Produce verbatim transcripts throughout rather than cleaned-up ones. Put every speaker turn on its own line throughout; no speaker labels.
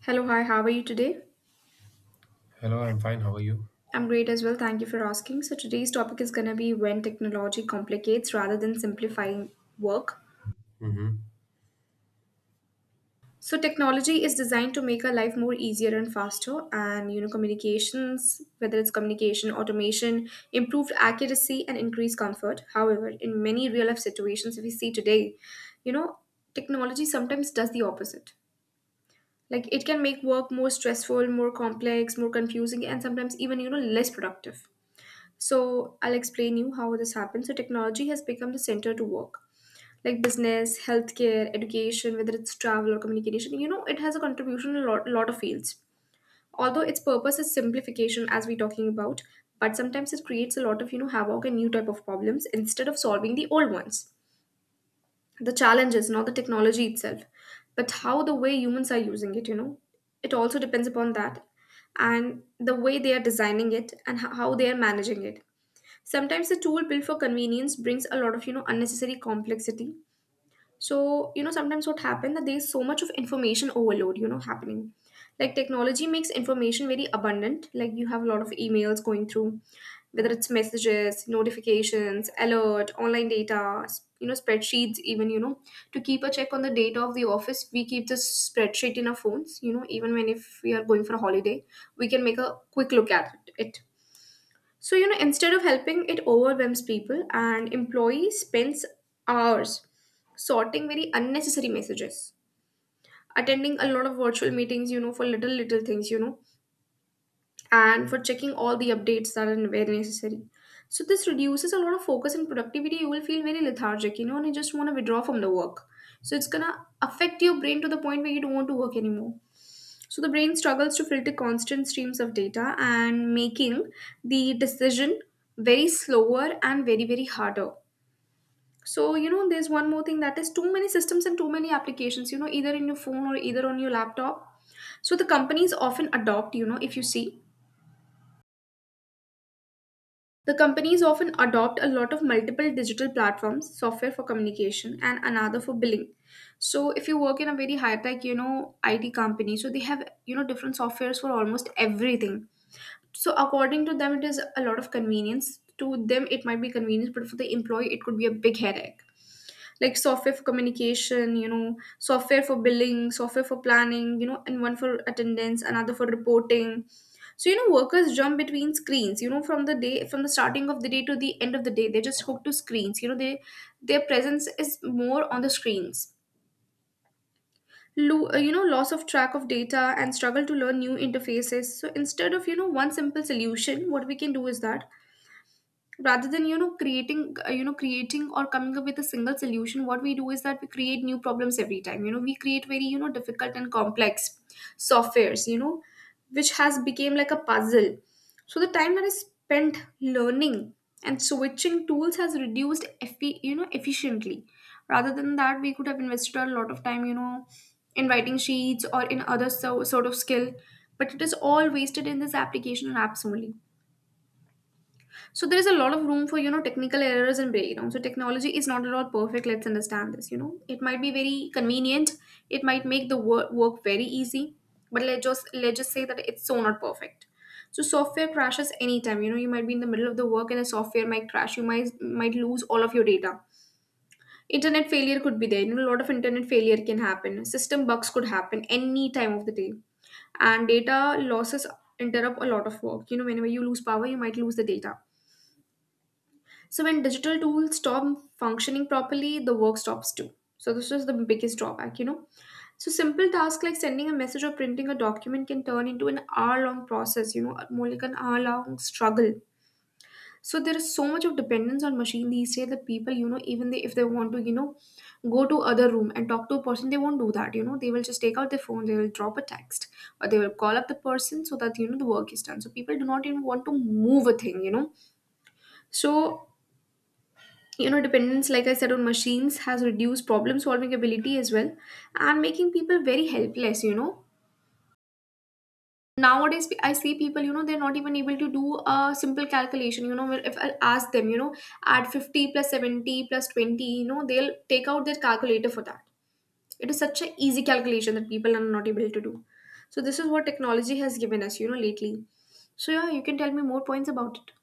Hello, hi, how are you today?
Hello, I'm fine. How are you?
I'm great as well, thank you for asking. So, today's topic is going to be when technology complicates rather than simplifying work.
Mm-hmm.
So, technology is designed to make our life more easier and faster, and you know, communications, whether it's communication, automation, improved accuracy, and increased comfort. However, in many real life situations, if we see today, you know, technology sometimes does the opposite. Like, it can make work more stressful, more complex, more confusing, and sometimes even, you know, less productive. So I'll explain you how this happens. So technology has become the center to work, like business, healthcare, education, whether it's travel or communication. You know, it has a contribution in a lot, lot of fields. Although its purpose is simplification, as we're talking about, but sometimes it creates a lot of you know havoc and new type of problems instead of solving the old ones. The challenge is not the technology itself, but how the way humans are using it. You know, it also depends upon that, and the way they are designing it and ho- how they are managing it. Sometimes the tool built for convenience brings a lot of you know unnecessary complexity. So you know sometimes what happens that there's so much of information overload you know happening, like technology makes information very abundant. Like, you have a lot of emails going through, whether it's messages, notifications, alert, online data, s- you know spreadsheets. Even you know, to keep a check on the data of the office, we keep the spreadsheet in our phones, you know, even when if we are going for a holiday, we can make a quick look at it. So, you know, instead of helping, it overwhelms people, and employees spends hours sorting very unnecessary messages, attending a lot of virtual meetings, you know, for little, little things, you know, and for checking all the updates that are very necessary. So, this reduces a lot of focus and productivity. You will feel very lethargic, you know, and you just want to withdraw from the work. So, it's going to affect your brain to the point where you don't want to work anymore. So the brain struggles to filter constant streams of data and making the decision very slower and very very harder. So you know there's one more thing, that is too many systems and too many applications, you know, either in your phone or either on your laptop. So the companies often adopt, you know if you see the companies often adopt a lot of multiple digital platforms, software for communication and another for billing. So if you work in a very high tech, you know, I T company, so they have, you know, different softwares for almost everything. So according to them, it is a lot of convenience. To them, it might be convenience, but for the employee, it could be a big headache. Like software for communication, you know, software for billing, software for planning, you know, and one for attendance, another for reporting. So you know, workers jump between screens. You know, from the day, from the starting of the day to the end of the day, they're just hooked to screens. You know, they their presence is more on the screens. Lo- uh, you know, loss of track of data and struggle to learn new interfaces. So instead of you know one simple solution, what we can do is that rather than you know creating uh, you know creating or coming up with a single solution, what we do is that we create new problems every time. You know, we create very, you know, difficult and complex softwares, you know, which has become like a puzzle. So the time that is spent learning and switching tools has reduced effi- you know efficiently. Rather than that, we could have invested a lot of time, you know, in writing sheets or in other so- sort of skill, but it is all wasted in this application and apps only. So there is a lot of room for you know technical errors and breakdowns. So technology is not at all perfect. Let's understand this. You know, it might be very convenient. It might make the work work very easy, but let's just let's just say that it's so not perfect. So software crashes anytime. You know, you might be in the middle of the work and the software might crash. You might might lose all of your data. Internet failure could be there. You know, a lot of internet failure can happen. System bugs could happen any time of the day, and data losses interrupt a lot of work. You know, whenever you lose power, you might lose the data. So when digital tools stop functioning properly, the work stops too. So this is the biggest drawback, you know. So simple tasks like sending a message or printing a document can turn into an hour-long process, you know, more like an hour-long struggle. So there is so much of dependence on machine these days that people, you know, even they, if they want to, you know, go to other room and talk to a person, they won't do that. You know, they will just take out their phone, they will drop a text, or they will call up the person so that you know the work is done. So people do not even want to move a thing, you know. So you know dependence, like I said, on machines has reduced problem solving ability as well, and making people very helpless, you know. Nowadays, pe- I see people, you know, they're not even able to do a simple calculation, you know, where if I ask them, you know, add fifty plus seventy plus twenty, you know, they'll take out their calculator for that. It is such an easy calculation that people are not able to do. So this is what technology has given us, you know, lately. So yeah, you can tell me more points about it.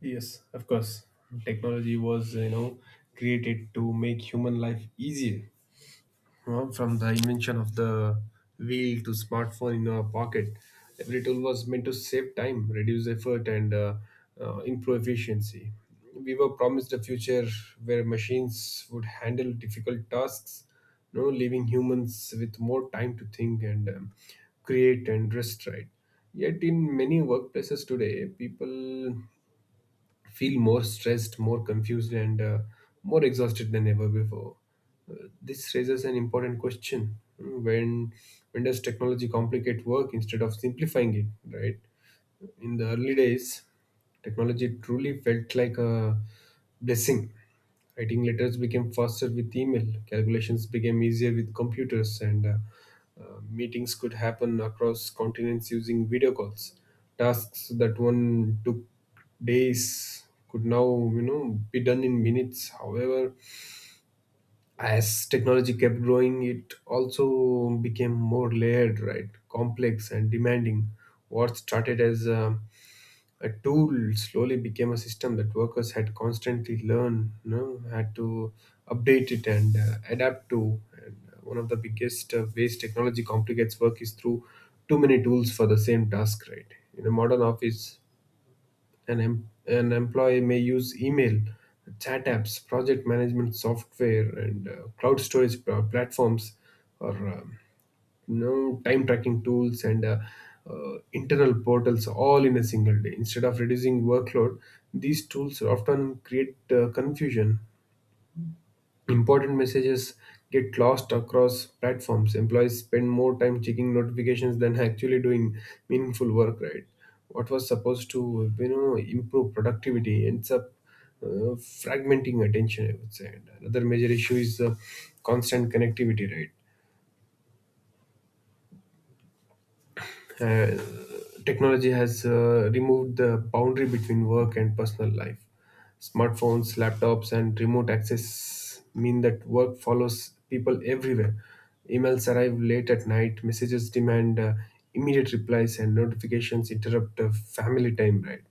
Yes, of course. Technology was, you know, created to make human life easier. Well, from the invention of the wheel to smartphone in our pocket, every tool was meant to save time, reduce effort, and uh, uh, improve efficiency. We were promised a future where machines would handle difficult tasks, you know, leaving humans with more time to think and um, create and rest, right? Yet, in many workplaces today, people feel more stressed, more confused, and uh, more exhausted than ever before. Uh, this raises an important question: Mm, when when does technology complicate work instead of simplifying it? Right? In the early days, technology truly felt like a blessing. Writing letters became faster with email, calculations became easier with computers, and uh, uh, meetings could happen across continents using video calls. Tasks that one took days could now, you know, be done in minutes. However, as technology kept growing, it also became more layered, right, complex and demanding. What started as a, a tool slowly became a system that workers had constantly learn, you know, had to update it and uh, adapt to. And uh, one of the biggest uh, ways technology complicates work is through too many tools for the same task, right? In a modern office, an, em- an employee may use email, chat apps, project management software, and uh, cloud storage pl- platforms, or um, you know, time tracking tools and uh, uh, internal portals, all in a single day. Instead of reducing workload, these tools often create uh, confusion. Important messages get lost across platforms. Employees spend more time checking notifications than actually doing meaningful work, right? What was supposed to, you know, improve productivity ends up uh, fragmenting attention, I would say. And another major issue is uh, constant connectivity, right? Uh, Technology has uh, removed the boundary between work and personal life. Smartphones, laptops, and remote access mean that work follows people everywhere. Emails arrive late at night, messages demand uh, immediate replies, and notifications interrupt uh, family time, right?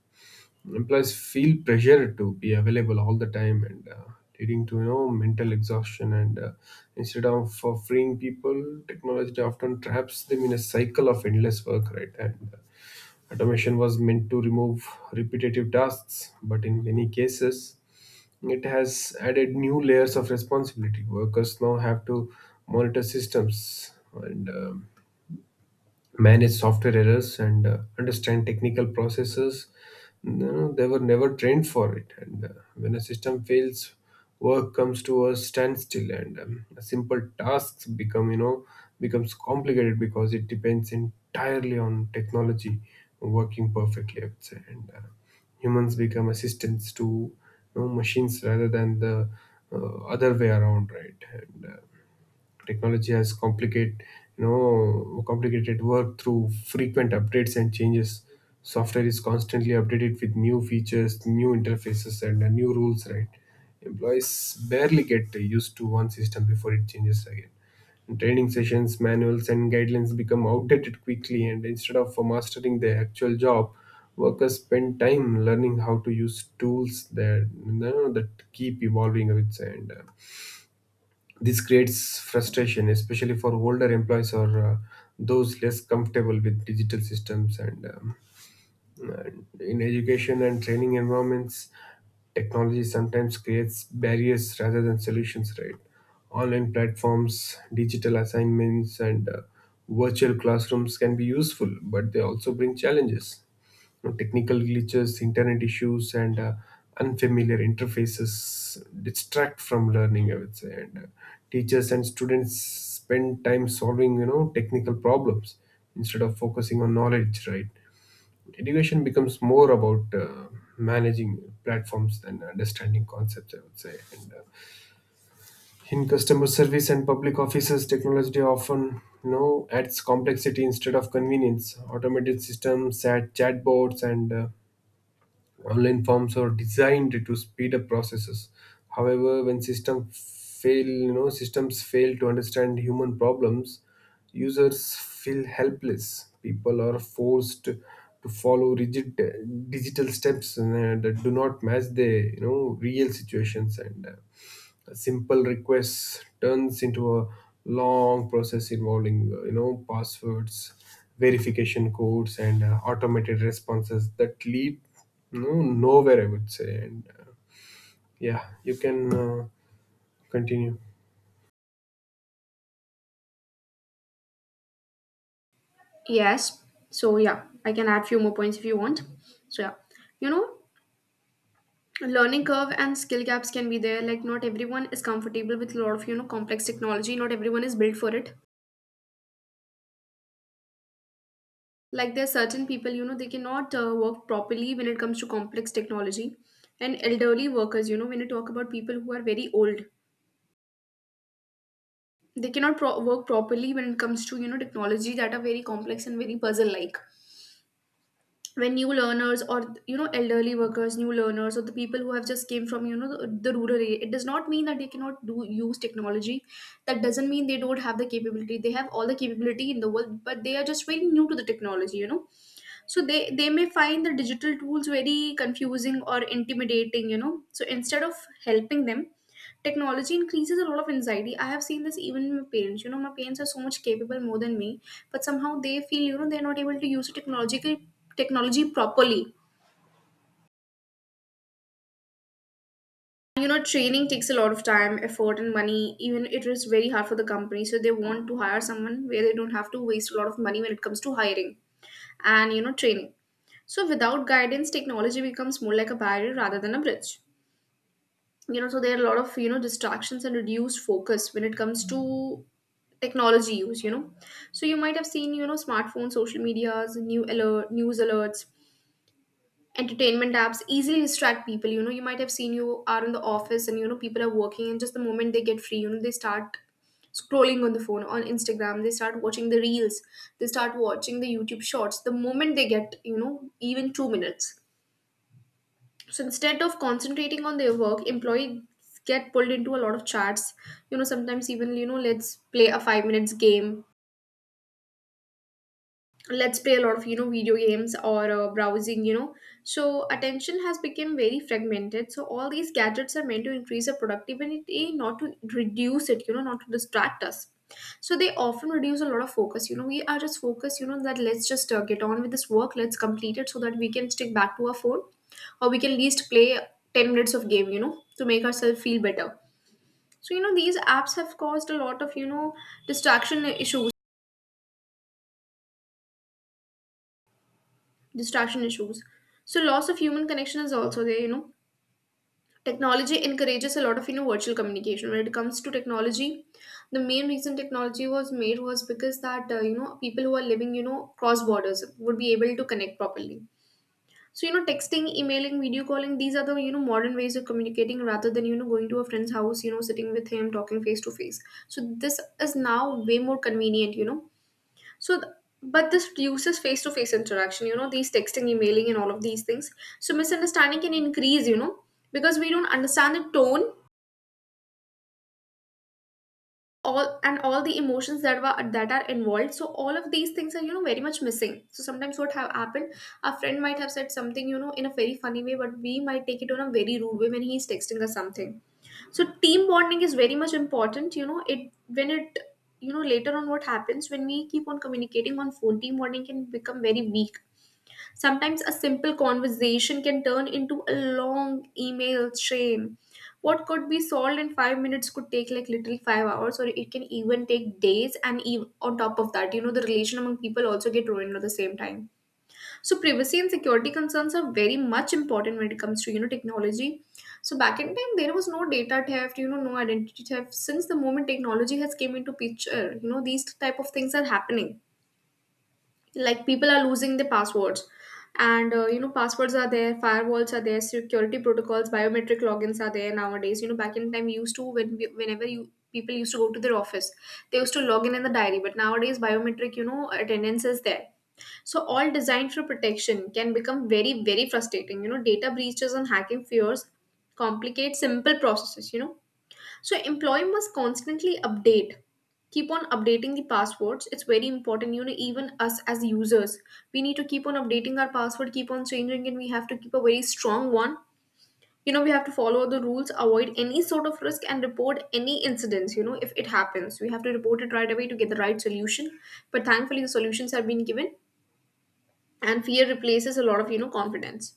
Employees feel pressure to be available all the time, and uh, leading to, you know, mental exhaustion. And uh, instead of uh, freeing people, technology often traps them in a cycle of endless work, right? And uh, automation was meant to remove repetitive tasks, but in many cases it has added new layers of responsibility. Workers now have to monitor systems and um, manage software errors and uh, understand technical processes. No, they were never trained for it. And uh, when a system fails, work comes to a standstill, and um, simple tasks become, you know, becomes complicated because it depends entirely on technology working perfectly, I would say. And uh, humans become assistants to, you know, machines rather than the uh, other way around, right? And uh, technology has complicate, you know, complicated work through frequent updates and changes. Software is constantly updated with new features, new interfaces, and uh, new rules. Right, employees barely get used to one system before it changes again. And training sessions, manuals, and guidelines become outdated quickly, and instead of uh, mastering the actual job, workers spend time learning how to use tools that, you know, that keep evolving, I would say. And uh, this creates frustration, especially for older employees, or uh, those less comfortable with digital systems. And um, and in education and training environments, technology sometimes creates barriers rather than solutions, right? Online platforms, digital assignments, and uh, virtual classrooms can be useful, but they also bring challenges. You know, technical glitches, internet issues, and uh, unfamiliar interfaces distract from learning, I would say. And uh, teachers and students spend time solving, you know, technical problems instead of focusing on knowledge, right? Education becomes more about uh, managing platforms than understanding concepts, I would say. And uh, in customer service and public offices, technology often, you know, adds complexity instead of convenience. Automated systems, chat chatbots, and uh, online forms are designed to speed up processes. However, when system fail, you know, systems fail to understand human problems, users feel helpless. People are forced to follow rigid uh, digital steps uh, that do not match the, you know, real situations. And. Uh, a simple request turns into a long process involving uh, you know, passwords, verification codes, and uh, automated responses that lead no nowhere, I would say. And uh, yeah you can uh, continue.
Yes. So yeah, I can add few more points if you want. So yeah, you know, learning curve and skill gaps can be there. Like, not everyone is comfortable with a lot of you know complex technology. Not everyone is built for it. Like, there are certain people, you know, they cannot uh, work properly when it comes to complex technology. And elderly workers, you know, when you talk about people who are very old, they cannot pro- work properly when it comes to, you know, technology that are very complex and very puzzle like. When new learners or you know elderly workers, new learners or the people who have just came from, you know, the, the rural area, it does not mean that they cannot do use technology. That doesn't mean they don't have the capability. They have all the capability in the world, but they are just very new to the technology, you know. So they they may find the digital tools very confusing or intimidating, you know. So instead of helping them, technology increases a lot of anxiety. I have seen this even in my parents. You know, my parents are so much capable more than me, but somehow they feel, you know, they're not able to use the technological technology properly. You know, training takes a lot of time, effort, and money. Even it is very hard for the company, so they want to hire someone where they don't have to waste a lot of money when it comes to hiring and you know training. So without guidance, technology becomes more like a barrier rather than a bridge. you know so there are a lot of you know distractions and reduced focus when it comes to technology use you know So you might have seen you know smartphones, social medias, new alert, news alerts, entertainment apps easily distract people you know You might have seen you are in the office, and you know people are working, and just the moment they get free you know they start scrolling on the phone, on Instagram. They start watching the reels. They start watching the YouTube shorts the moment they get you know even two minutes. So instead of concentrating on their work, employees get pulled into a lot of chats you know Sometimes even, you know let's play a five minutes game. Let's play a lot of, you know video games or uh, browsing you know So attention has become very fragmented. So all these gadgets are meant to increase our productivity, not to reduce it you know not to distract us. So they often reduce a lot of focus you know We are just focused you know that let's just uh, get on with this work, let's complete it so that we can stick back to our phone, or we can at least play ten minutes of game you know to make ourselves feel better. So you know these apps have caused a lot of, you know distraction issues distraction issues. So loss of human connection is also there, you know. Technology encourages a lot of, you know, virtual communication. When it comes to technology, the main reason technology was made was because that, uh, you know, people who are living, you know, cross borders would be able to connect properly. So, you know, texting, emailing, video calling, these are the, you know, modern ways of communicating rather than, you know, going to a friend's house, you know, sitting with him, talking face to face. So this is now way more convenient, you know so, th- but this reduces face to face interaction, you know, these texting, emailing, and all of these things. So, misunderstanding can increase, you know, because we don't understand the tone all and all the emotions that were that are involved. So all of these things are you know very much missing. So sometimes what have happened, a friend might have said something you know in a very funny way, but we might take it on a very rude way when he's texting us something. So team bonding is very much important you know it when it you know later on, what happens when we keep on communicating on phone, team bonding can become very weak. Sometimes a simple conversation can turn into a long email chain. What could be solved in five minutes could take like literally five hours, or it can even take days. And ev- on top of that, you know, the relation among people also get ruined at the same time. So privacy and security concerns are very much important when it comes to you know technology. So back in time, there was no data theft, you know, no identity theft. Since the moment technology has came into picture, you know, these type of things are happening, like people are losing the passwords. And uh, you know passwords are there, firewalls are there, security protocols, biometric logins are there nowadays. you know back in time we used to when we, whenever you people used to go to their office, they used to log in in the diary, but nowadays biometric, you know attendance is there. So all designed for protection can become very, very frustrating you know Data breaches and hacking fears complicate simple processes you know So employee must constantly update, keep on updating the passwords. It's very important. You know, even us as users, we need to keep on updating our password, keep on changing it. We have to keep a very strong one. You know, we have to follow the rules, avoid any sort of risk, and report any incidents. You know, if it happens, we have to report it right away to get the right solution. But thankfully, the solutions have been given, and fear replaces a lot of you know confidence.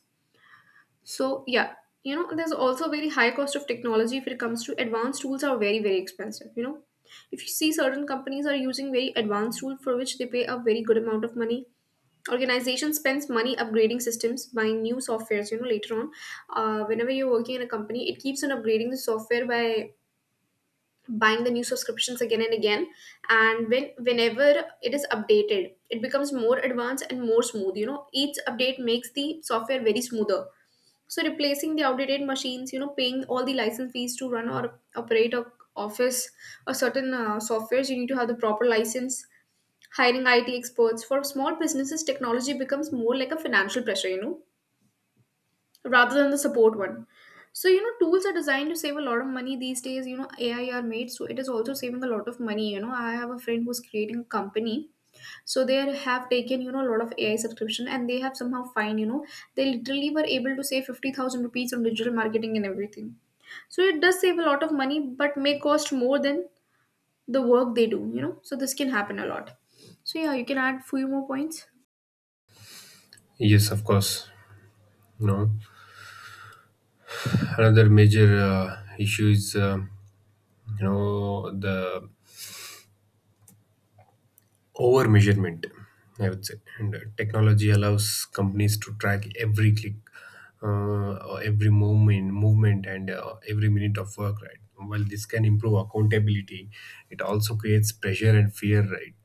So yeah, you know, there's also very high cost of technology. If it comes to advanced tools, are very, very expensive, you know. If you see, certain companies are using very advanced tool for which they pay a very good amount of money. Organization spends money upgrading systems, buying new softwares, you know, later on. Uh, whenever you're working in a company, it keeps on upgrading the software by buying the new subscriptions again and again. And when whenever it is updated, it becomes more advanced and more smooth. You know, each update makes the software very smoother, so replacing the outdated machines, you know, paying all the license fees to run or operate a office or certain uh, softwares, you need to have the proper license. Hiring I T experts for small businesses, technology becomes more like a financial pressure, you know, rather than the support one. So you know, tools are designed to save a lot of money these days. You know, A I are made, so it is also saving a lot of money. You know, I have a friend who's creating a company, so they are- have taken you know a lot of ai subscription, and they have somehow find you know they literally were able to save fifty thousand rupees on digital marketing and everything. So it does save a lot of money, but may cost more than the work they do you know So this can happen a lot. So yeah, you can add few more points.
Yes, of course. No, another major uh, issue is, uh, you know, the over measurement, I would say. And uh, technology allows companies to track every click, uh, or every movement movement, and uh, every minute of work, right? While this can improve accountability, it also creates pressure and fear, right?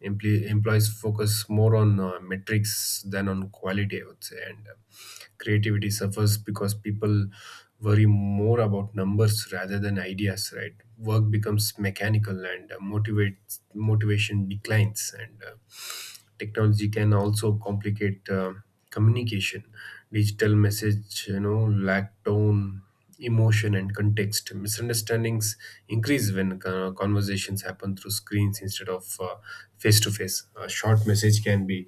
Empl- employees focus more on uh, metrics than on quality, I would say. And uh, creativity suffers because people worry more about numbers rather than ideas, right? Work becomes mechanical, and uh, motivates motivation declines. And uh, technology can also complicate uh, communication. Digital message, you know, lack tone, emotion, and context. Misunderstandings increase when uh, conversations happen through screens instead of face to face. A short message can be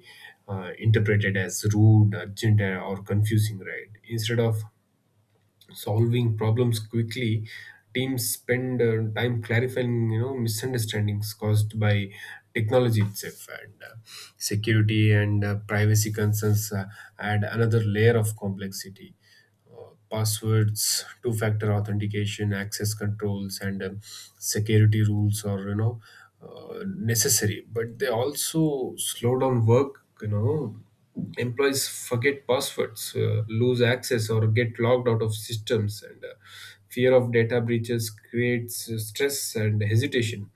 uh, interpreted as rude, urgent, or confusing, right? Instead of solving problems quickly, teams spend uh, time clarifying, you know, misunderstandings caused by technology itself. And uh, security and uh, privacy concerns uh, add another layer of complexity. uh, Passwords, two factor authentication, access controls, and um, security rules are, you know, uh, necessary, but they also slow down work. You know, employees forget passwords, uh, lose access, or get logged out of systems, and uh, fear of data breaches creates uh, stress and hesitation.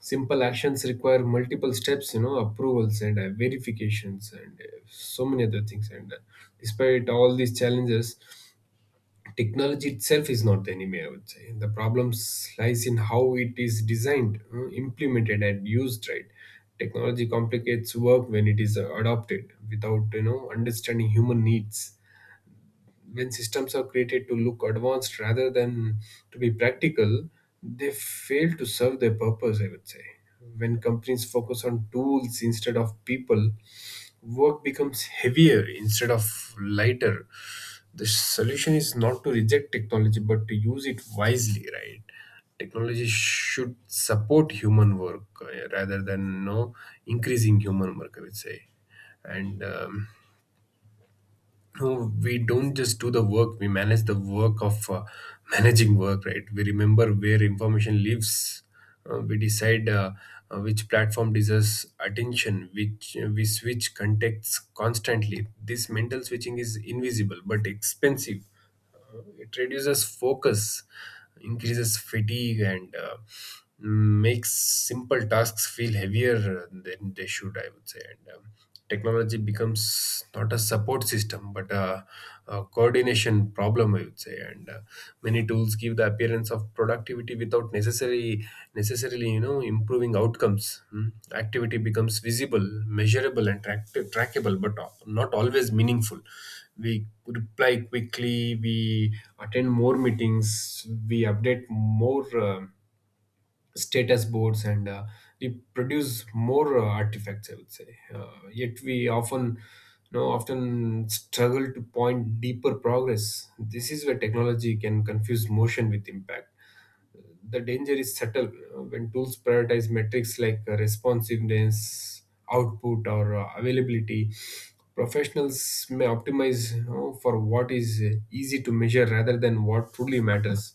Simple actions require multiple steps, you know, approvals and uh, verifications, and uh, so many other things. And uh, despite all these challenges, technology itself is not the enemy, I would say. The problem lies in how it is designed, uh, implemented, and used. Right? Technology complicates work when it is uh, adopted without, you know, understanding human needs. When systems are created to look advanced rather than to be practical, they fail to serve their purpose, I would say. When companies focus on tools instead of people, work becomes heavier instead of lighter. The solution is not to reject technology but to use it wisely, right? Technology should support human work, uh, rather than no increasing human work, I would say. And um, no, we don't just do the work, we manage the work of uh, managing work, right? We remember where information lives. Uh, we decide uh, uh, which platform deserves attention, which uh, we switch contexts constantly. This mental switching is invisible but expensive. It reduces focus, increases fatigue, and uh, makes simple tasks feel heavier than they should, I would say. And um, technology becomes not a support system but a, a coordination problem, I would say. And uh, many tools give the appearance of productivity without necessarily necessarily, you know, improving outcomes. Hmm. Activity becomes visible, measurable, and track- trackable, but not always meaningful. We reply quickly, we attend more meetings, we update more uh, status boards, and uh, we produce more uh, artifacts, I would say. Uh, yet we often, you know, often struggle to point deeper progress. This is where technology can confuse motion with impact. The danger is subtle. Uh, when tools prioritize metrics like uh, responsiveness, output, or uh, availability. Professionals may optimize, you know, for what is uh, easy to measure rather than what truly matters.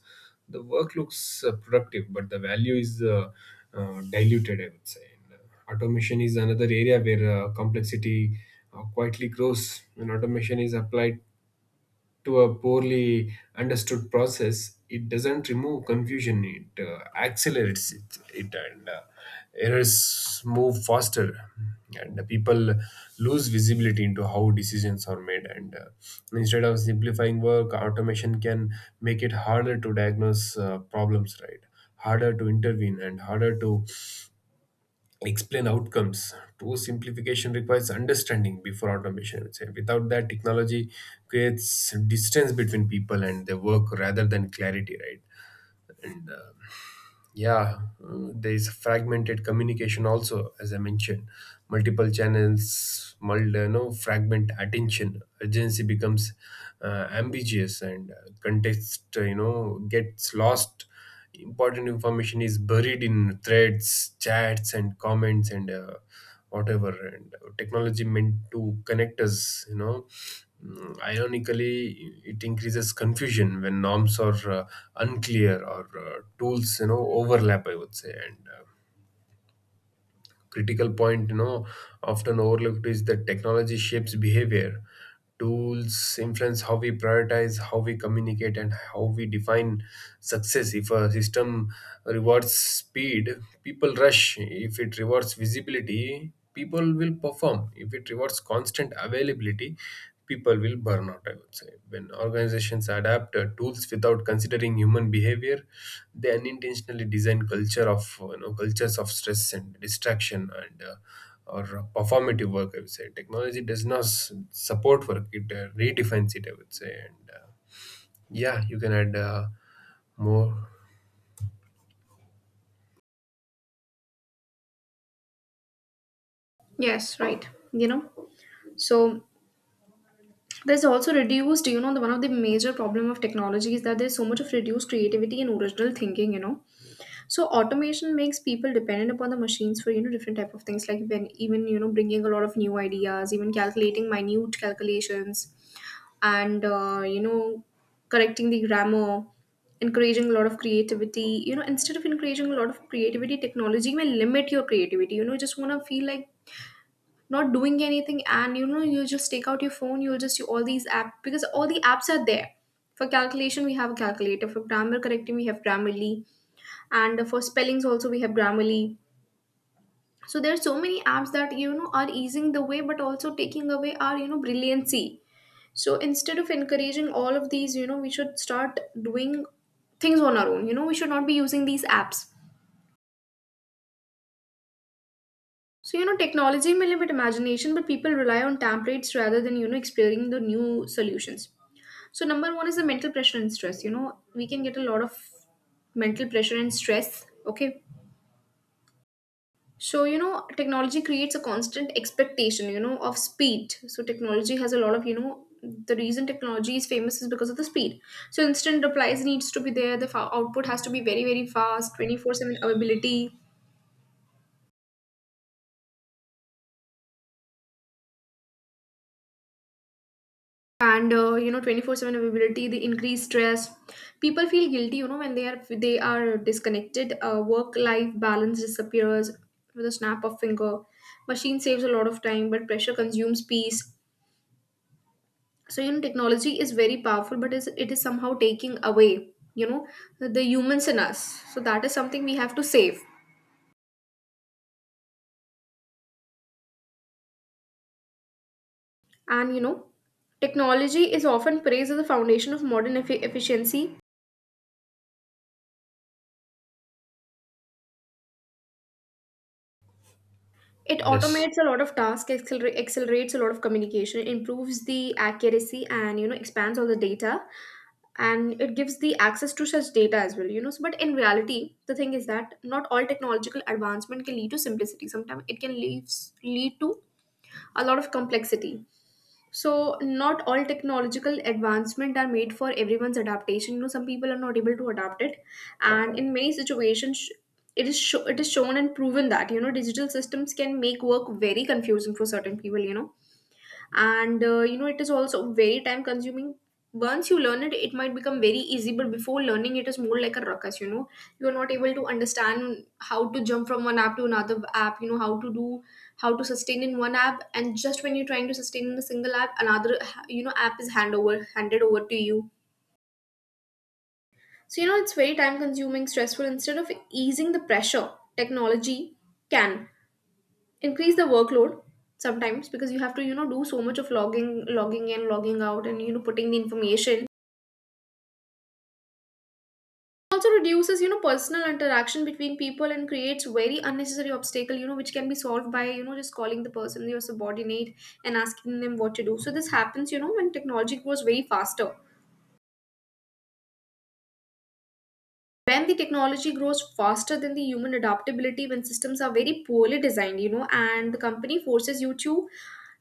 The work looks uh, productive, but the value is uh, uh, diluted, I would say. And uh, automation is another area where uh, complexity uh, quietly grows. When automation is applied to a poorly understood process, it doesn't remove confusion, it uh, accelerates it, it and uh, errors move faster. And the people lose visibility into how decisions are made. And uh, instead of simplifying work, automation can make it harder to diagnose uh, problems, right? Harder to intervene and harder to explain outcomes. True simplification requires understanding before automation, I would say. Without that, technology creates distance between people and their work rather than clarity, right? And uh, yeah uh, there is fragmented communication also, as I mentioned. Multiple channels, multi, you know, fragment attention. Urgency becomes uh, ambiguous, and uh, context, uh, you know, gets lost. Important information is buried in threads, chats, and comments, and uh, whatever. And technology meant to connect us, you know, mm, ironically it increases confusion when norms are uh, unclear, or uh, tools, you know, overlap, I would say. And uh, critical point, you know, often overlooked is that technology shapes behavior. Tools influence how we prioritize, how we communicate, and how we define success. If a system rewards speed, people rush. If it rewards visibility, people will perform. If it rewards constant availability, people will burn out, I would say. When organizations adapt uh, tools without considering human behavior, they unintentionally design culture of uh, you know, cultures of stress and distraction, and uh, or uh, performative work, I would say. Technology does not s- support work, it uh, redefines it, I would say. And uh, yeah you can add uh, more.
Yes, right, you know so there's also reduced you know the one of the major problem of technology is that there's so much of reduced creativity and original thinking you know So automation makes people dependent upon the machines for you know different type of things, like when even, you know bringing a lot of new ideas, even calculating minute calculations, and uh, you know correcting the grammar, encouraging a lot of creativity you know Instead of encouraging a lot of creativity, technology may limit your creativity you know You just want to feel like not doing anything, and you know you just take out your phone, you'll just do all these apps because all the apps are there. For calculation, we have a calculator. For grammar correcting, we have Grammarly. And for spellings also, we have Grammarly. So there are so many apps that, you know are easing the way but also taking away our, you know brilliancy. So instead of encouraging all of these, you know we should start doing things on our own you know We should not be using these apps. So you know technology may limit imagination, but people rely on templates rather than, you know exploring the new solutions. So number one is the mental pressure and stress you know We can get a lot of mental pressure and stress, okay. So, you know, technology creates a constant expectation, you know, of speed. So, technology has a lot of, you know, the reason technology is famous is because of the speed. So, instant replies needs to be there. The fa- output has to be very, very fast, twenty-four seven availability. And, uh, you know, twenty-four seven availability, the increased stress. People feel guilty, you know, when they are they are disconnected. Uh, Work-life balance disappears with a snap of finger. Machine saves a lot of time, but pressure consumes peace. So you know technology is very powerful, but is it is somehow taking away, you know the humans in us. So that is something we have to save. And you know technology is often praised as the foundation of modern effi- efficiency It
Yes.
automates a lot of tasks, acceler- accelerates a lot of communication, improves the accuracy, and you know expands all the data. And it gives the access to such data as well, you know so, but in reality the thing is that not all technological advancement can lead to simplicity. Sometimes it can leave, lead to a lot of complexity. So not all technological advancement are made for everyone's adaptation. You know, some people are not able to adapt it, and in many situations, it is sho- it is shown and proven that, you know digital systems can make work very confusing for certain people. You know, and uh, you know it is also very time consuming. Once you learn it, it might become very easy, but before learning, it is more like a ruckus you know You are not able to understand how to jump from one app to another app you know how to do, how to sustain in one app, and just when you're trying to sustain in a single app, another, you know app is hand over handed over to you. So you know it's very time consuming, stressful. Instead of easing the pressure, technology can increase the workload, sometimes because you have to, you know do so much of logging logging in, logging out, and you know putting the information. Also reduces, you know personal interaction between people, and creates very unnecessary obstacle you know which can be solved by, you know just calling the person, your subordinate, and asking them what to do. So this happens you know when technology grows very faster, when the technology grows faster than the human adaptability, when systems are very poorly designed you know and the company forces you to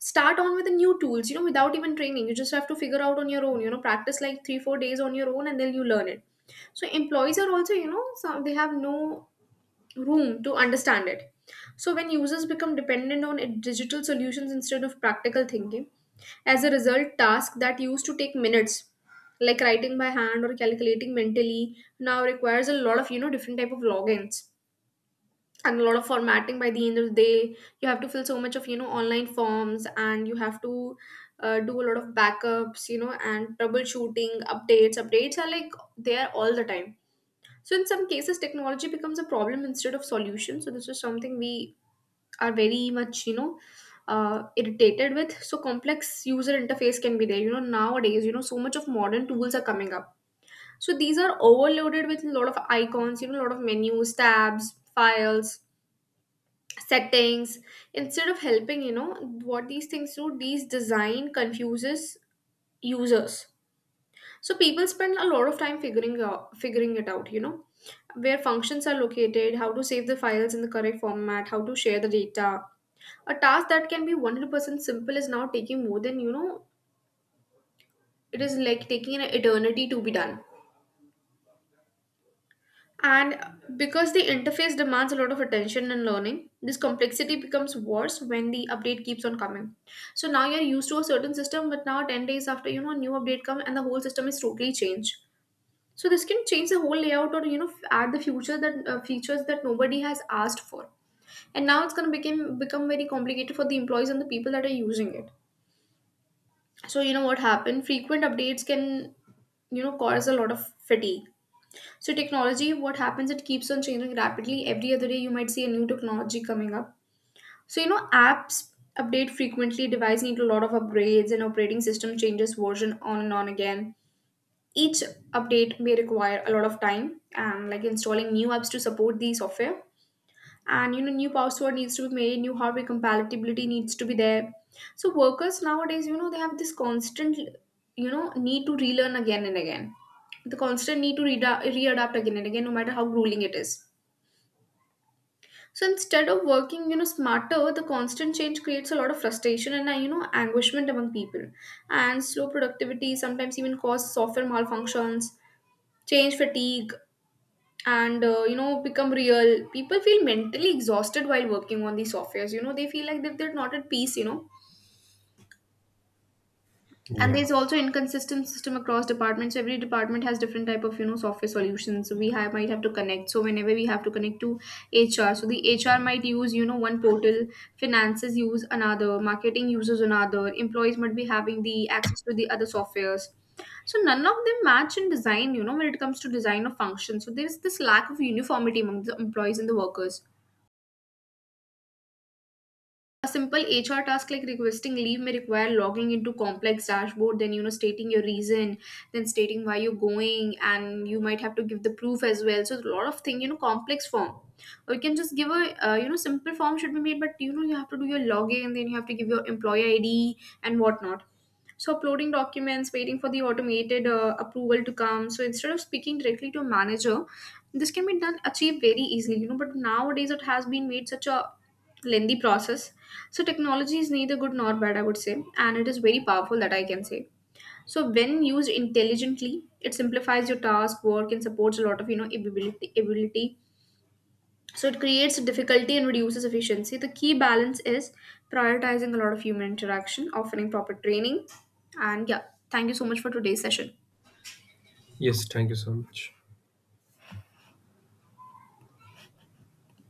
start on with the new tools, you know without even training. You just have to figure out on your own you know practice like three four days on your own, and then you learn it. So employees are also, you know some they have no room to understand it. So, when users become dependent on it- digital solutions instead of practical thinking, as a result, tasks that used to take minutes, like writing by hand or calculating mentally, now requires a lot of, you know different type of logins and a lot of formatting. By the end of the day, you have to fill so much of you know online forms, and you have to uh, do a lot of backups, you know, and troubleshooting, updates. Updates are like there all the time. So in some cases, technology becomes a problem instead of solution. So this is something we are very much, you know, uh, irritated with. So complex user interface can be there. You know, nowadays, you know, so much of modern tools are coming up. So these are overloaded with a lot of icons, you know, a lot of menus, tabs, files, settings. Instead of helping, you know, what these things do, these design confuses users. So people spend a lot of time figuring out, figuring it out, you know, where functions are located, how to save the files in the correct format, how to share the data. A task that can be one hundred percent simple is now taking more than, you know, it is like taking an eternity to be done. And because the interface demands a lot of attention and learning, this complexity becomes worse when the update keeps on coming. So now you're used to a certain system, but now ten days after, you know, a new update comes and the whole system is totally changed. So this can change the whole layout, or you know add the future that uh, features that nobody has asked for. And now it's going to become become very complicated for the employees and the people that are using it. So, you know what happened, frequent updates can, you know cause a lot of fatigue. So technology, what happens, it keeps on changing rapidly. Every other day you might see a new technology coming up. So you know apps update frequently, device need a lot of upgrades, and operating system changes version on and on again. Each update may require a lot of time and like installing new apps to support the software. And you know, new password needs to be made, new hardware compatibility needs to be there. So workers nowadays, you know, they have this constant, you know, need to relearn again and again. The constant need to reada readapt again and again, no matter how grueling it is. So instead of working, you know, smarter, the constant change creates a lot of frustration and, uh, you know, anguishment among people. And slow productivity sometimes even cause software malfunctions, change fatigue, and uh, you know become real. People feel mentally exhausted while working on these softwares. You know they feel like that they're not at peace. You know and
Yeah.
there's also inconsistent system across departments. Every department has different type of you know software solutions. So we have might have to connect. So whenever we have to connect to H R, so the H R might use you know one portal, finances use another, marketing uses another, employees might be having the access to the other softwares. So none of them match in design, you know when it comes to design of functions. So there's this lack of uniformity among the employees and the workers. A simple H R task like requesting leave may require logging into complex dashboard, then you know stating your reason, then stating why you're going, and you might have to give the proof as well. So it's a lot of thing, you know, complex form. Or you can just give a uh, you know simple form should be made, but you know you have to do your login, then you have to give your employee I D and whatnot. So uploading documents, waiting for the automated uh, approval to come. So instead of speaking directly to a manager, this can be done achieved very easily, you know but nowadays it has been made such a lengthy process. So technology is neither good nor bad, I would say, and it is very powerful, that I can say. So when used intelligently, it simplifies your task work and supports a lot of you know ability ability. So it creates difficulty and reduces efficiency. The key balance is prioritizing a lot of human interaction, offering proper training. And yeah, thank you so much for today's session.
Yes, thank you so much.